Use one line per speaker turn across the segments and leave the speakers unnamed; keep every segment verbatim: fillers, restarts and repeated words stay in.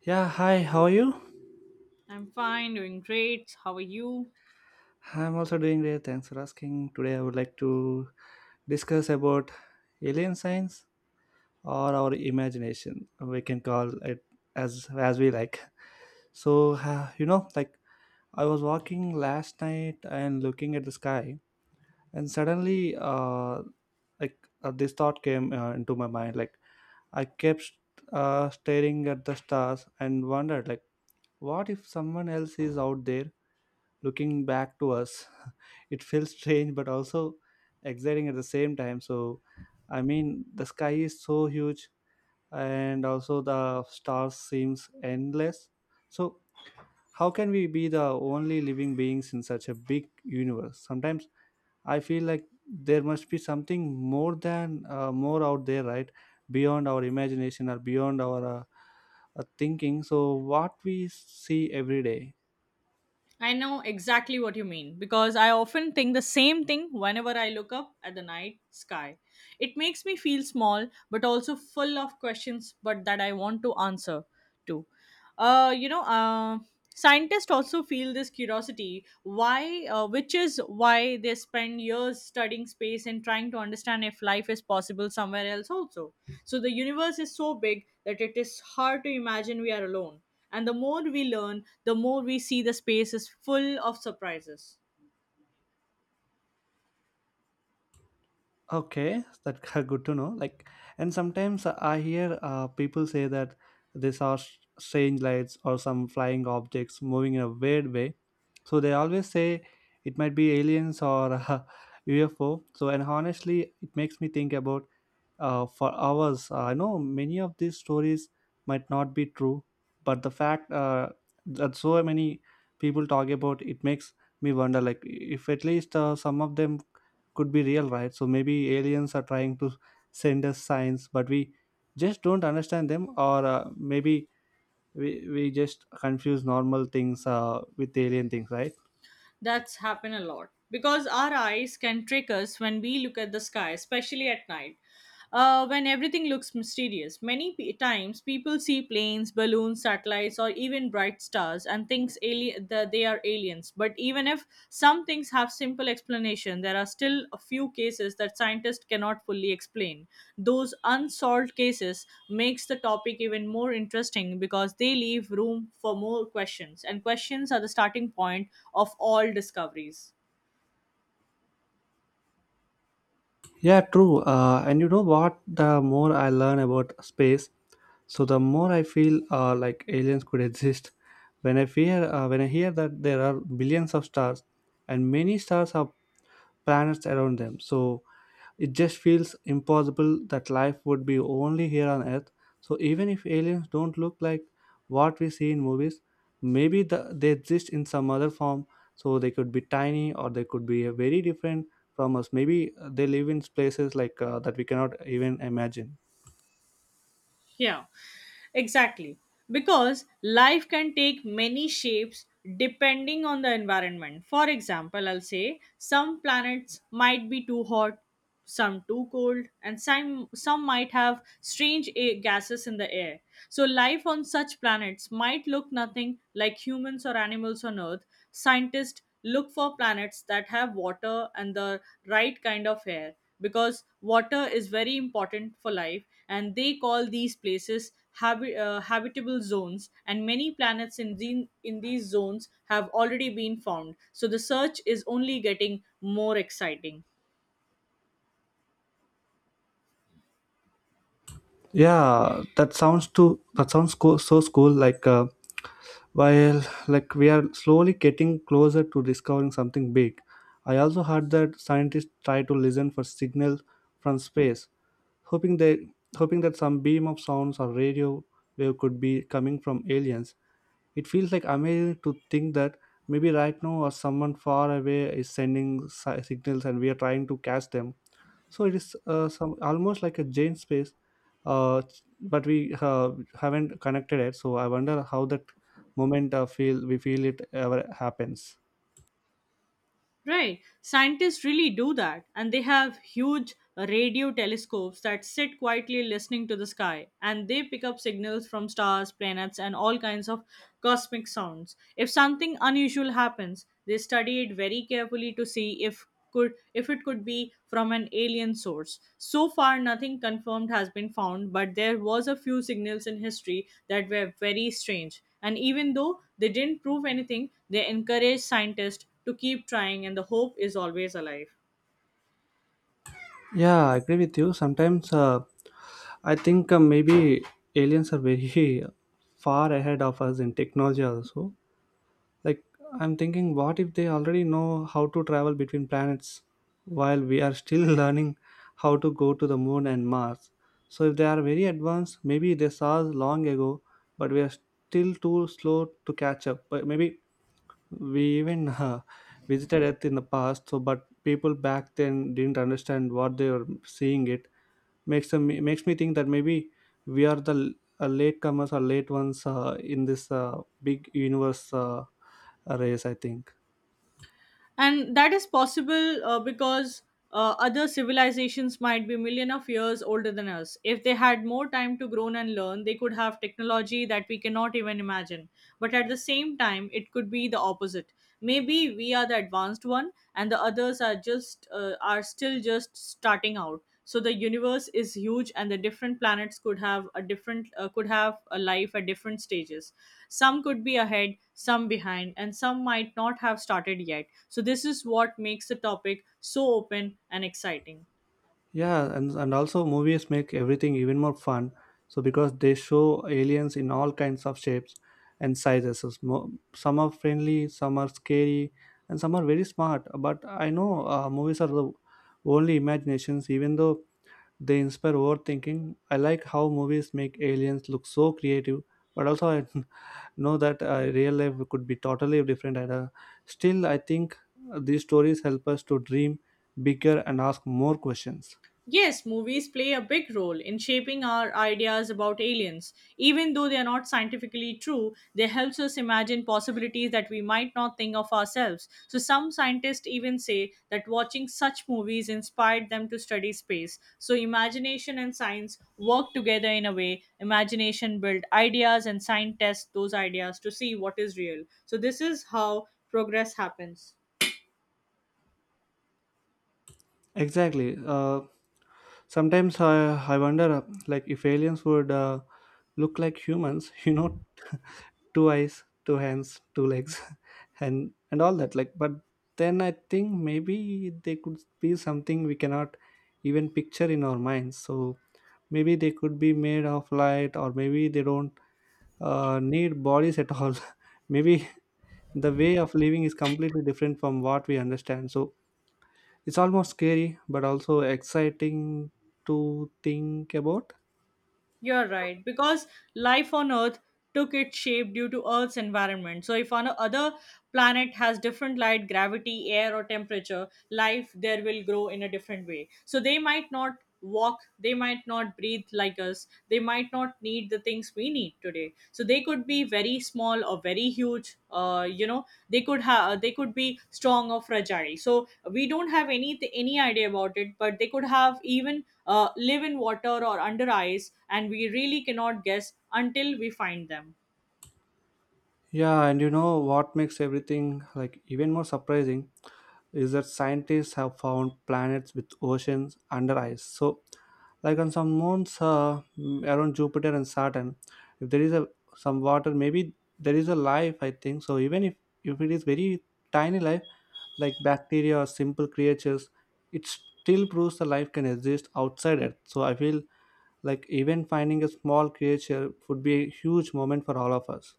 Yeah, hi, how are you?
I'm fine, doing great. How are you?
I'm also doing great. Thanks for asking. Today I would like to discuss about alien science or our imagination. We can call it as as we like. So, uh, you know, like I was walking last night and looking at the sky and suddenly uh like uh, this thought came uh, into my mind. like I kept uh staring at the stars and wondered, like, what if someone else is out there looking back to us? It feels strange but also exciting at the same time. So I mean, the sky is so huge and also the stars seems endless. So how can we be the only living beings in such a big universe? Sometimes I feel like there must be something more than uh, more out there, right? Beyond our imagination or beyond our uh, uh, thinking. So what we see every day.
I know exactly what you mean because I often think the same thing whenever I look up at the night sky. It makes me feel small but also full of questions but that I want to answer to. Uh, you know, uh, Scientists also feel this curiosity why uh, which is why they spend years studying space and trying to understand if life is possible somewhere else also. So the universe is so big that it is hard to imagine we are alone. And the more we learn, the more we see the space is full of surprises.
Okay, that's good to know. Like, and sometimes I hear uh, people say that they saw s- strange lights or some flying objects moving in a weird way. So they always say it might be aliens or uh, U F O. So, and honestly, it makes me think about uh, for hours. Uh, I know many of these stories might not be true, but the fact uh, that so many people talk about it makes me wonder, like, if at least uh, some of them could be real, right? So maybe aliens are trying to send us signs but we just don't understand them. Or uh, maybe we, we just confuse normal things uh, with alien things, right?
That's happened a lot because our eyes can trick us when we look at the sky, especially at night. Uh, when everything looks mysterious, many pe- times people see planes, balloons, satellites, or even bright stars and thinks ali- that they are aliens. But even if some things have simple explanation. There are still a few cases that scientists cannot fully explain. Those unsolved cases makes the topic even more interesting because they leave room for more questions, and questions are the starting point of all discoveries.
Yeah, true. Uh, and you know what, the more I learn about space, so the more I feel uh, like aliens could exist. When i fear uh, when I hear that there are billions of stars and many stars have planets around them, so it just feels impossible that life would be only here on Earth. So even if aliens don't look like what we see in movies, maybe the, they exist in some other form. So they could be tiny or they could be uh, very different from us. Maybe uh, they live in places like uh, that we cannot even imagine.
Yeah, exactly. Because life can take many shapes depending on the environment. For example, I'll say some planets might be too hot, some too cold, and some some might have strange a- gases in the air. So life on such planets might look nothing like humans or animals on Earth. Scientists look for planets that have water and the right kind of air, because water is very important for life, and they call these places habi- uh, habitable zones, and many planets in, the, in these zones have already been found, so the search is only getting more exciting.
Yeah that sounds too that sounds cool, so cool. Like uh, while like we are slowly getting closer to discovering something big. I also heard that scientists try to listen for signals from space, hoping they hoping that some beam of sounds or radio wave could be coming from aliens. It feels like amazing to think that maybe right now or someone far away is sending si- signals and we are trying to catch them. So it is uh, some almost like a Jane space, uh, but we uh, haven't connected it. So I wonder how that moment uh, feel we feel it ever happens.
Right. Scientists really do that. And they have huge radio telescopes that sit quietly listening to the sky, and they pick up signals from stars, planets, and all kinds of cosmic sounds. If something unusual happens, they study it very carefully to see if could if it could be from an alien source. So far nothing confirmed has been found, but there was a few signals in history that were very strange. And even though they didn't prove anything, they encourage scientists to keep trying, and the hope is always alive.
Yeah, I agree with you. Sometimes uh, I think uh, maybe aliens are very far ahead of us in technology also. Like, I'm thinking, what if they already know how to travel between planets while we are still learning how to go to the moon and Mars? So, if they are very advanced, maybe they saw us long ago, but we are still too slow to catch up. But maybe we even uh, visited Earth in the past, so but people back then didn't understand what they were seeing. It makes them makes me think that maybe we are the l- uh, latecomers or late ones uh, in this uh, big universe uh, race, I think.
And that is possible, uh, because uh, other civilizations might be million of years older than us. If they had more time to grow and learn, they could have technology that we cannot even imagine. But at the same time, it could be the opposite. Maybe we are the advanced one and the others are just uh, are still just starting out. So the universe is huge, and the different planets could have a different uh, could have a life at different stages. Some could be ahead, some behind, and some might not have started yet, so this is what makes the topic so open and exciting.
Yeah, and, and also movies make everything even more fun. So because they show aliens in all kinds of shapes and sizes. So smo- some are friendly, some are scary, and some are very smart. But I know, uh, movies are the only imaginations. Even though they inspire overthinking, I like how movies make aliens look so creative. But also, I, know that uh, real life could be totally different. And uh, still I think uh, these stories help us to dream bigger and ask more questions.
Yes, movies play a big role in shaping our ideas about aliens. Even though they are not scientifically true, they helps us imagine possibilities that we might not think of ourselves. So some scientists even say that watching such movies inspired them to study space. So imagination and science work together in a way. Imagination build ideas, and science test those ideas to see what is real. So this is how progress happens.
Exactly. Uh, sometimes I, I wonder uh, like if aliens would uh, look like humans. You know, two eyes, two hands, two legs, and and all that. Like, but then I think maybe they could be something we cannot even picture in our minds. So maybe they could be made of light, or maybe they don't uh, need bodies at all. Maybe the way of living is completely different from what we understand. So it's almost scary, but also exciting to think about.
You're right, because life on Earth took its shape due to Earth's environment. So, if on another planet has different light, gravity, air, or temperature, life there will grow in a different way. So, they might not walk, they might not breathe like us, they might not need the things things we need today. So they could be very small or very huge. Uh, you know they could have they could be strong or fragile, so we don't have any any idea about it. But they could have even uh, live in water or under ice, and we really cannot guess until we find them.
Yeah, and you know what makes everything like even more surprising is that scientists have found planets with oceans under ice. So, like on some moons uh, mm, around Jupiter and Saturn, if there is a some water, maybe there is a life. I think so. Even if if it is very tiny life, like bacteria or simple creatures, it still proves the life can exist outside Earth. So I feel like, even finding a small creature would be a huge moment for all of us.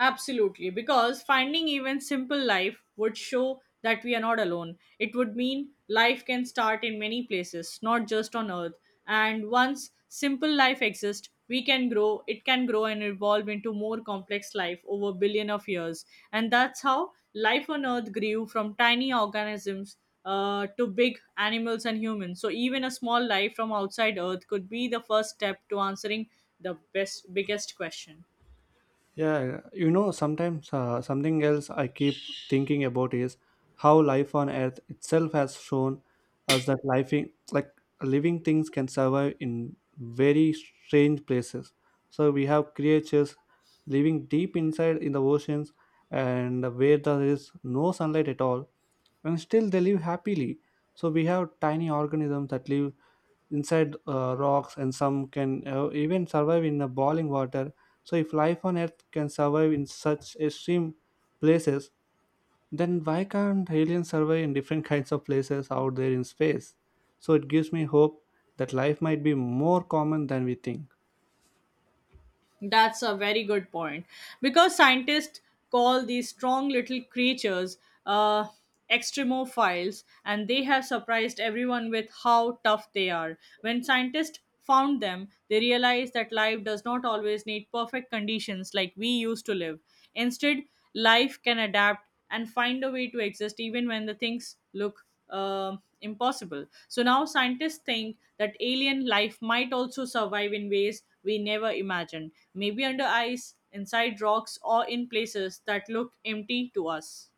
Absolutely, because finding even simple life would show that we are not alone. It would mean life can start in many places, not just on earth. And once simple life exists, we can grow, it can grow and evolve into more complex life over billion of years. And that's how life on earth grew from tiny organisms uh, to big animals and humans. So even a small life from outside earth could be the first step to answering the best biggest question.
Yeah, you know, sometimes uh, something else I keep thinking about is how life on Earth itself has shown us that life, in, like living things, can survive in very strange places. So we have creatures living deep inside in the oceans and where there is no sunlight at all, and still they live happily. So we have tiny organisms that live inside uh, rocks and some can uh, even survive in the boiling water. So if life on Earth can survive in such extreme places, then why can't aliens survive in different kinds of places out there in space? So it gives me hope that life might be more common than we think.
That's a very good point. Because scientists call these strong little creatures uh, extremophiles, and they have surprised everyone with how tough they are. When scientists found them, they realized that life does not always need perfect conditions like we used to live. Instead, life can adapt and find a way to exist even when the things look um impossible. So now scientists think that alien life might also survive in ways we never imagined, maybe under ice, inside rocks, or in places that look empty to us.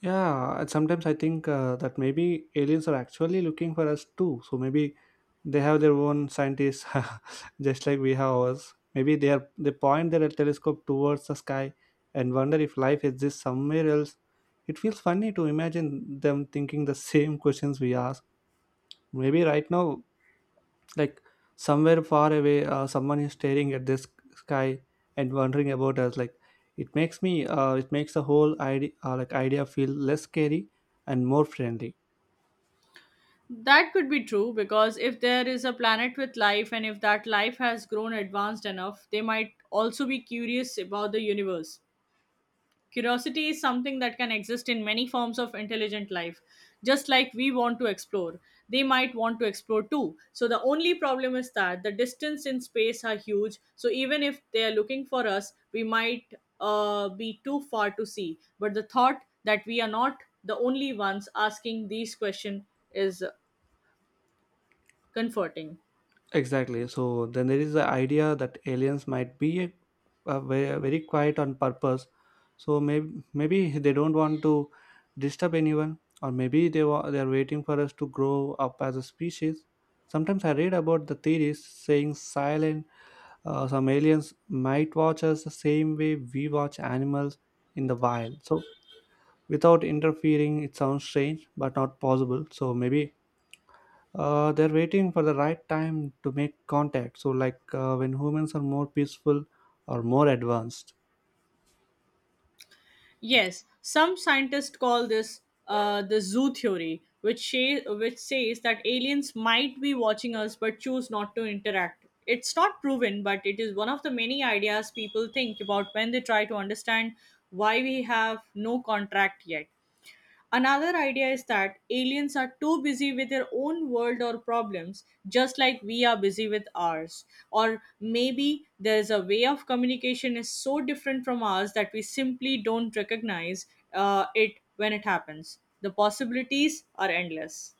Yeah, and sometimes I think uh, that maybe aliens are actually looking for us too. So maybe they have their own scientists, just like we have ours. Maybe they are they point their telescope towards the sky and wonder if life exists somewhere else. It feels funny to imagine them thinking the same questions we ask. Maybe right now, like somewhere far away, uh, someone is staring at this sky and wondering about us. Like, it makes me uh, it makes the whole idea uh, like idea feel less scary and more friendly.
That could be true, because if there is a planet with life, and if that life has grown advanced enough, they might also be curious about the universe. Curiosity is something that can exist in many forms of intelligent life. Just like we want to explore, they might want to explore too. So, the only problem is that the distance in space are huge. So, even if they are looking for us, we might uh, be too far to see. But the thought that we are not the only ones asking these questions is comforting.
Exactly. So then there is the idea that aliens might be a, a very, very quiet on purpose. So maybe maybe they don't want to disturb anyone, or maybe they wa- they are waiting for us to grow up as a species. Sometimes I read about the theories saying silent, uh, some aliens might watch us the same way we watch animals in the wild. So, without interfering, it sounds strange but not possible. So, maybe uh, they're waiting for the right time to make contact. So, like uh, when humans are more peaceful or more advanced.
Yes, some scientists call this uh, the zoo theory, which sha- which says that aliens might be watching us but choose not to interact. It's not proven, but it is one of the many ideas people think about when they try to understand why we have no contract yet. Another idea is that aliens are too busy with their own world or problems, just like we are busy with ours. Or maybe there is a way of communication is so different from ours that we simply don't recognize uh, it when it happens. The possibilities are endless.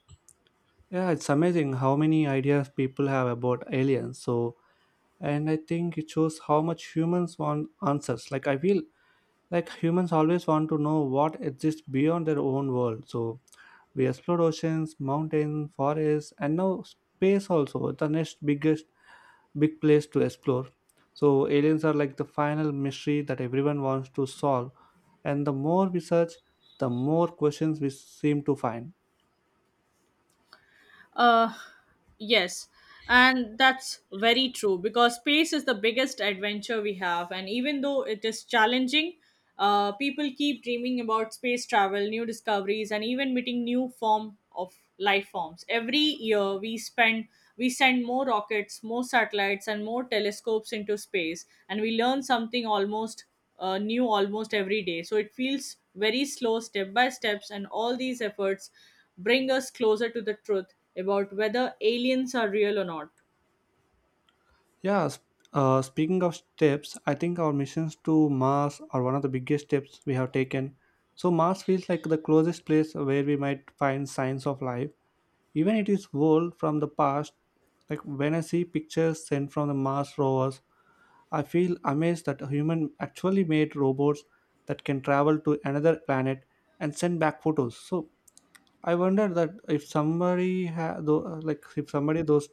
Yeah, it's amazing how many ideas people have about aliens. So, and I think it shows how much humans want answers. Like, I feel like humans always want to know what exists beyond their own world. So we explored oceans, mountains, forests, and now space also, the next biggest big place to explore. So aliens are like the final mystery that everyone wants to solve, and the more we search, the more questions we seem to find.
Uh, yes, and that's very true because space is the biggest adventure we have, and even though it is challenging, uh, people keep dreaming about space travel, new discoveries, and even meeting new form of life forms. Every year, we spend we send more rockets, more satellites, and more telescopes into space, and we learn something almost uh, new almost every day. So it feels very slow, step by steps, and all these efforts bring us closer to the truth about whether aliens are real or not.
yeah sp- uh, Speaking of steps, I think our missions to Mars are one of the biggest steps we have taken. So Mars feels like the closest place where we might find signs of life. Even it is world from the past, like when I see pictures sent from the Mars rovers, I feel amazed that a human actually made robots that can travel to another planet and send back photos. So I wonder that if somebody ha- tho- like if somebody those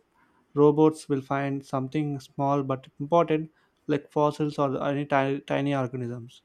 robots will find something small but important, like fossils or any ti- tiny organisms.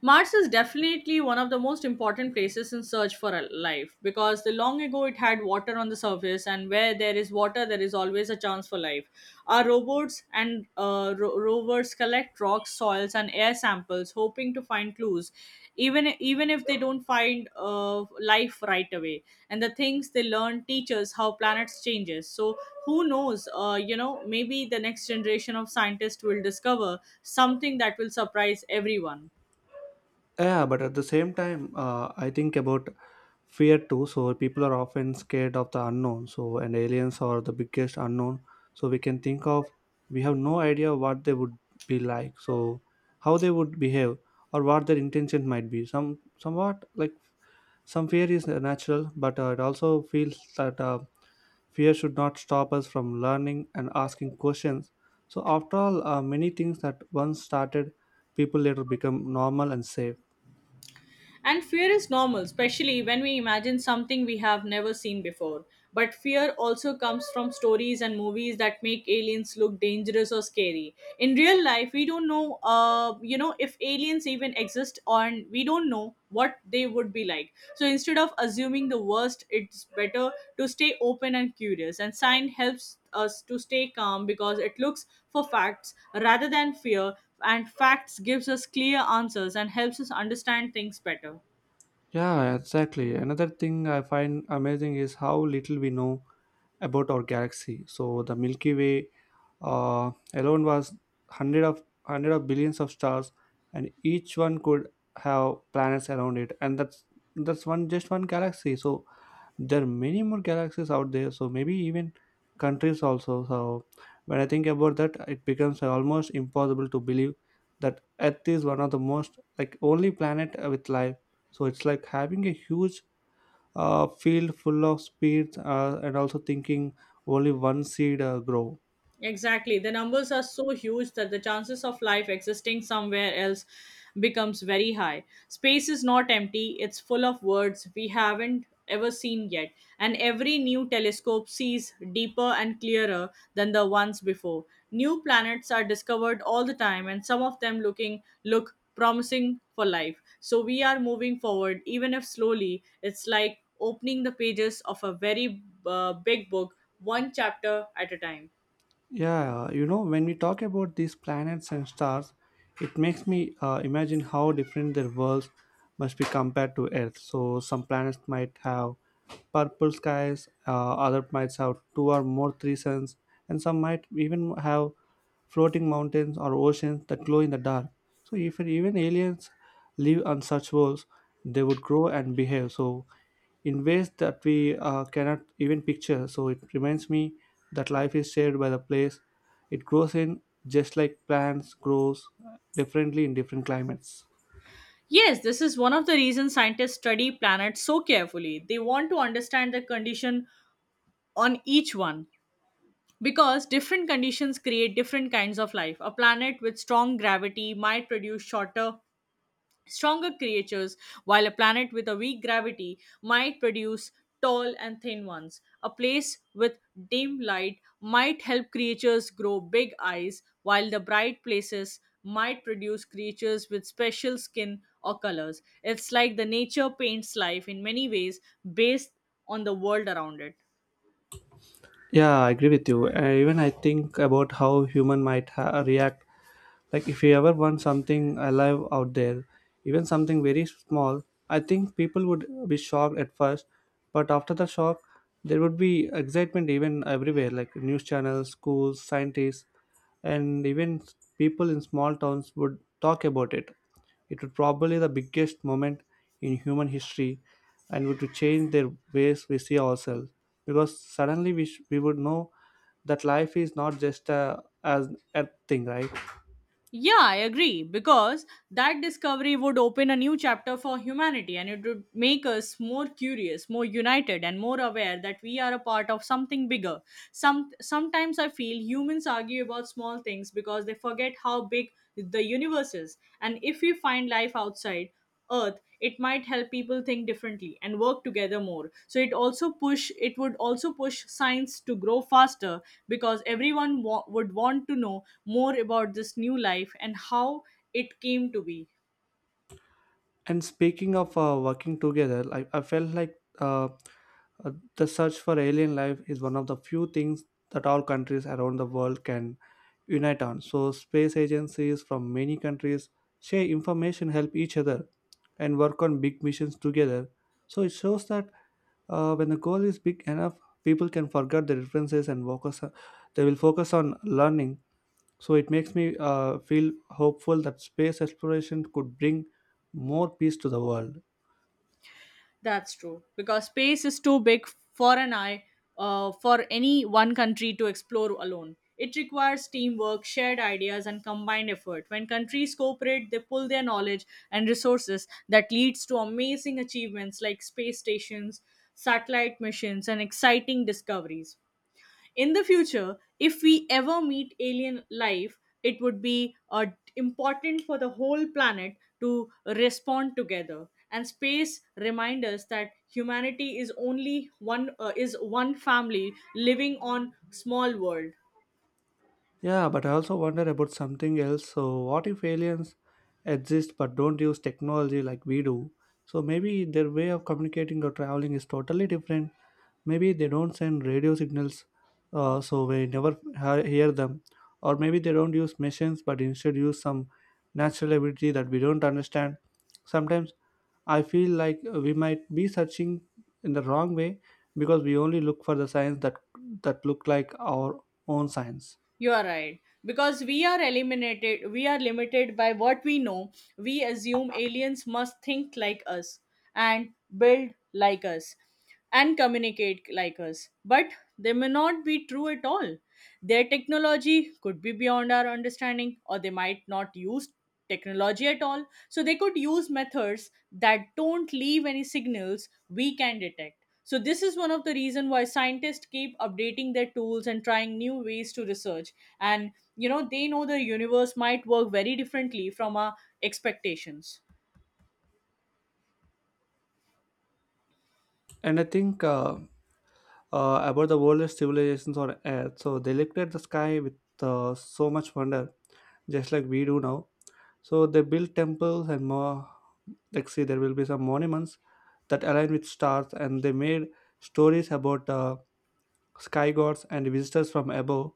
Mars is definitely one of the most important places in search for a life, because the long ago it had water on the surface, and where there is water, there is always a chance for life. Our robots and uh, ro- rovers collect rocks, soils, and air samples, hoping to find clues, even even if they don't find uh, life right away. And the things they learn teach us how planets changes. So who knows? Uh, you know, maybe the next generation of scientists will discover something that will surprise everyone.
Yeah, but at the same time, uh, I think about fear too. So people are often scared of the unknown. So and aliens are the biggest unknown. So we can think of we have no idea what they would be like. So how they would behave or what their intention might be. Some somewhat like some fear is natural, but uh, it also feels that uh, fear should not stop us from learning and asking questions. So after all, uh, many things that once started, people later become normal and safe.
And fear is normal, especially when we imagine something we have never seen before. But fear also comes from stories and movies that make aliens look dangerous or scary. In real life, we don't know, uh, you know, if aliens even exist, or we don't know what they would be like. So instead of assuming the worst, it's better to stay open and curious. And science helps us to stay calm because it looks for facts rather than fear, and facts gives us clear answers and helps us understand things better.
Yeah, exactly. Another thing I find amazing is how little we know about our galaxy. So the Milky Way uh, alone was hundred of hundred of billions of stars, and each one could have planets around it, and that's that's one just one galaxy. So there are many more galaxies out there, so maybe even countries also. So when I think about that, it becomes almost impossible to believe that earth is one of the most like only planet uh, with life. So it's like having a huge uh, field full of seeds, uh, and also thinking only one seed uh, grow.
Exactly. The numbers are so huge that the chances of life existing somewhere else becomes very high. Space is not empty, it's full of words we haven't ever seen yet, and every new telescope sees deeper and clearer than the ones before. New planets are discovered all the time, and some of them looking look promising for life. So we are moving forward, even if slowly. It's like opening the pages of a very uh, big book one chapter at a time.
Yeah, you know, when we talk about these planets and stars, it makes me uh, imagine how different their worlds must be compared to Earth. So some planets might have purple skies, uh, other might have two or more three suns, and some might even have floating mountains or oceans that glow in the dark. So if even aliens live on such worlds, they would grow and behave. So in ways that we uh, cannot even picture. So it reminds me that life is shared by the place it grows in, just like plants grows differently in different climates.
Yes, this is one of the reasons scientists study planets so carefully. They want to understand the condition on each one, because different conditions create different kinds of life. A planet with strong gravity might produce shorter stronger creatures, while a planet with a weak gravity might produce tall and thin ones. A place with dim light might help creatures grow big eyes, while the bright places might produce creatures with special skin or colors. It's like the nature paints life in many ways based on the world around it.
Yeah, I agree with you. Uh, even I think about how human might ha- react. Like if you ever want something alive out there, even something very small, I think people would be shocked at first, but after the shock, there would be excitement even everywhere, like news channels, schools, scientists, and even people in small towns would talk about it. It would probably the biggest moment in human history, and would to change their ways we see ourselves because suddenly we sh- we would know that life is not just a as a thing, right?
Yeah, I agree, because that discovery would open a new chapter for humanity, and it would make us more curious, more united and more aware that we are a part of something bigger. Some sometimes I feel humans argue about small things because they forget how big the universe is, and if we find life outside earth, it might help people think differently and work together more. So it also push it would also push science to grow faster, because everyone wa- would want to know more about this new life and how it came to be.
And speaking of uh, working together, I, I felt like uh, uh, the search for alien life is one of the few things that all countries around the world can unite on. So space agencies from many countries share information, help each other, and work on big missions together. So it shows that uh, when the goal is big enough, people can forget the differences and focus. Uh, they will focus on learning. So it makes me uh, feel hopeful that space exploration could bring more peace to the world.
That's true, because space is too big for an eye, uh, for any one country to explore alone. It requires teamwork, shared ideas, and combined effort. When countries cooperate, they pull their knowledge and resources that leads to amazing achievements like space stations, satellite missions, and exciting discoveries. In the future, if we ever meet alien life, it would be uh, important for the whole planet to respond together. And space reminds us that humanity is only one uh, is one family living on small world.
Yeah, but I also wonder about something else. So what if aliens exist but don't use technology like we do? So maybe their way of communicating or traveling is totally different. Maybe they don't send radio signals, uh, so we never ha- hear them. Or maybe they don't use machines but instead use some natural ability that we don't understand. Sometimes I feel like we might be searching in the wrong way because we only look for the signs that that look like our own signs.
You are right. Because we are eliminated, we are limited by what we know. We assume aliens must think like us and build like us and communicate like us. But they may not be true at all. Their technology could be beyond our understanding, or they might not use technology at all. So they could use methods that don't leave any signals we can detect. So this is one of the reason why scientists keep updating their tools and trying new ways to research. And you know they know the universe might work very differently from our expectations.
And I think uh, uh, about the oldest civilizations on Earth. So they looked at the sky with uh, so much wonder, just like we do now. So they built temples and more. Like, see, there will be some monuments that align with stars, and they made stories about uh, sky gods and visitors from above.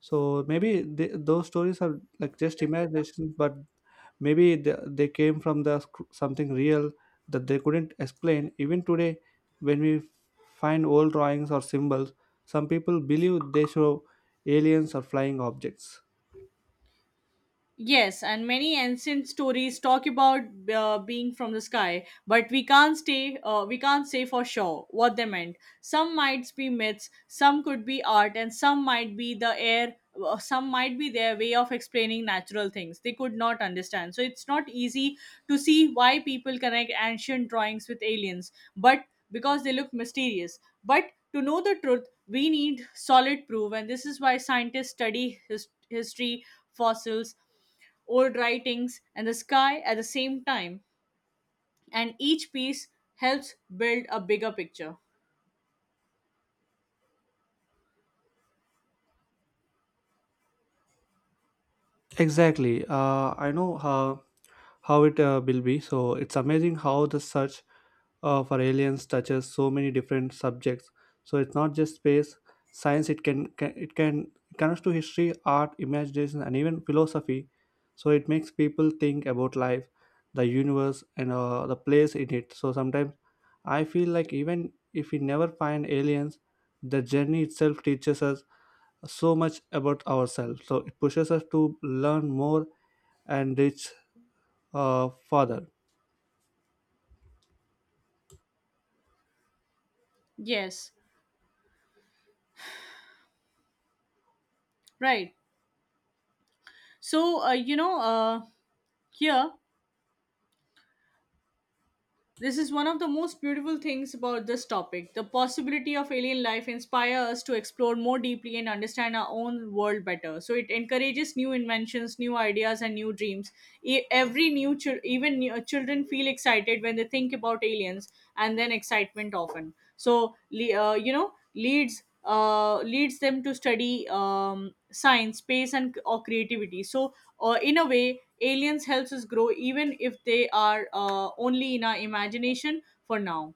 So maybe they, those stories are like just imaginations, but maybe they, they came from the sc- something real that they couldn't explain. Even today, when we find old drawings or symbols, some people believe they show aliens or flying objects.
Yes, and many ancient stories talk about uh, being from the sky, but we can't stay. Uh, we can't say for sure what they meant. Some might be myths, some could be art, and some might be the air. uh, Some might be their way of explaining natural things they could not understand. So it's not easy to see why people connect ancient drawings with aliens, but because they look mysterious. But to know the truth, we need solid proof, and this is why scientists study his- history, fossils, old writings, and the sky at the same time, and each piece helps build a bigger picture.
Exactly. Uh, I know how how it uh, will be. So it's amazing how the search uh, for aliens touches so many different subjects. So it's not just space science, it can, can it can, it connects to history, art, imagination, and even philosophy. So it makes people think about life, the universe, and uh, the place in it. So sometimes I feel like even if we never find aliens, the journey itself teaches us so much about ourselves. So it pushes us to learn more and reach uh, further.
Yes, right. So, uh, you know, uh, here This is one of the most beautiful things about this topic. The possibility of alien life inspire us to explore more deeply and understand our own world better. So it encourages new inventions, new ideas, and new dreams. E- Every new chil- even new- uh, children feel excited when they think about aliens, and then excitement often. So le- uh, you know leads uh, leads them to study um, science, space, and or creativity. So, uh, in a way, aliens helps us grow, even if they are uh, only in our imagination for now.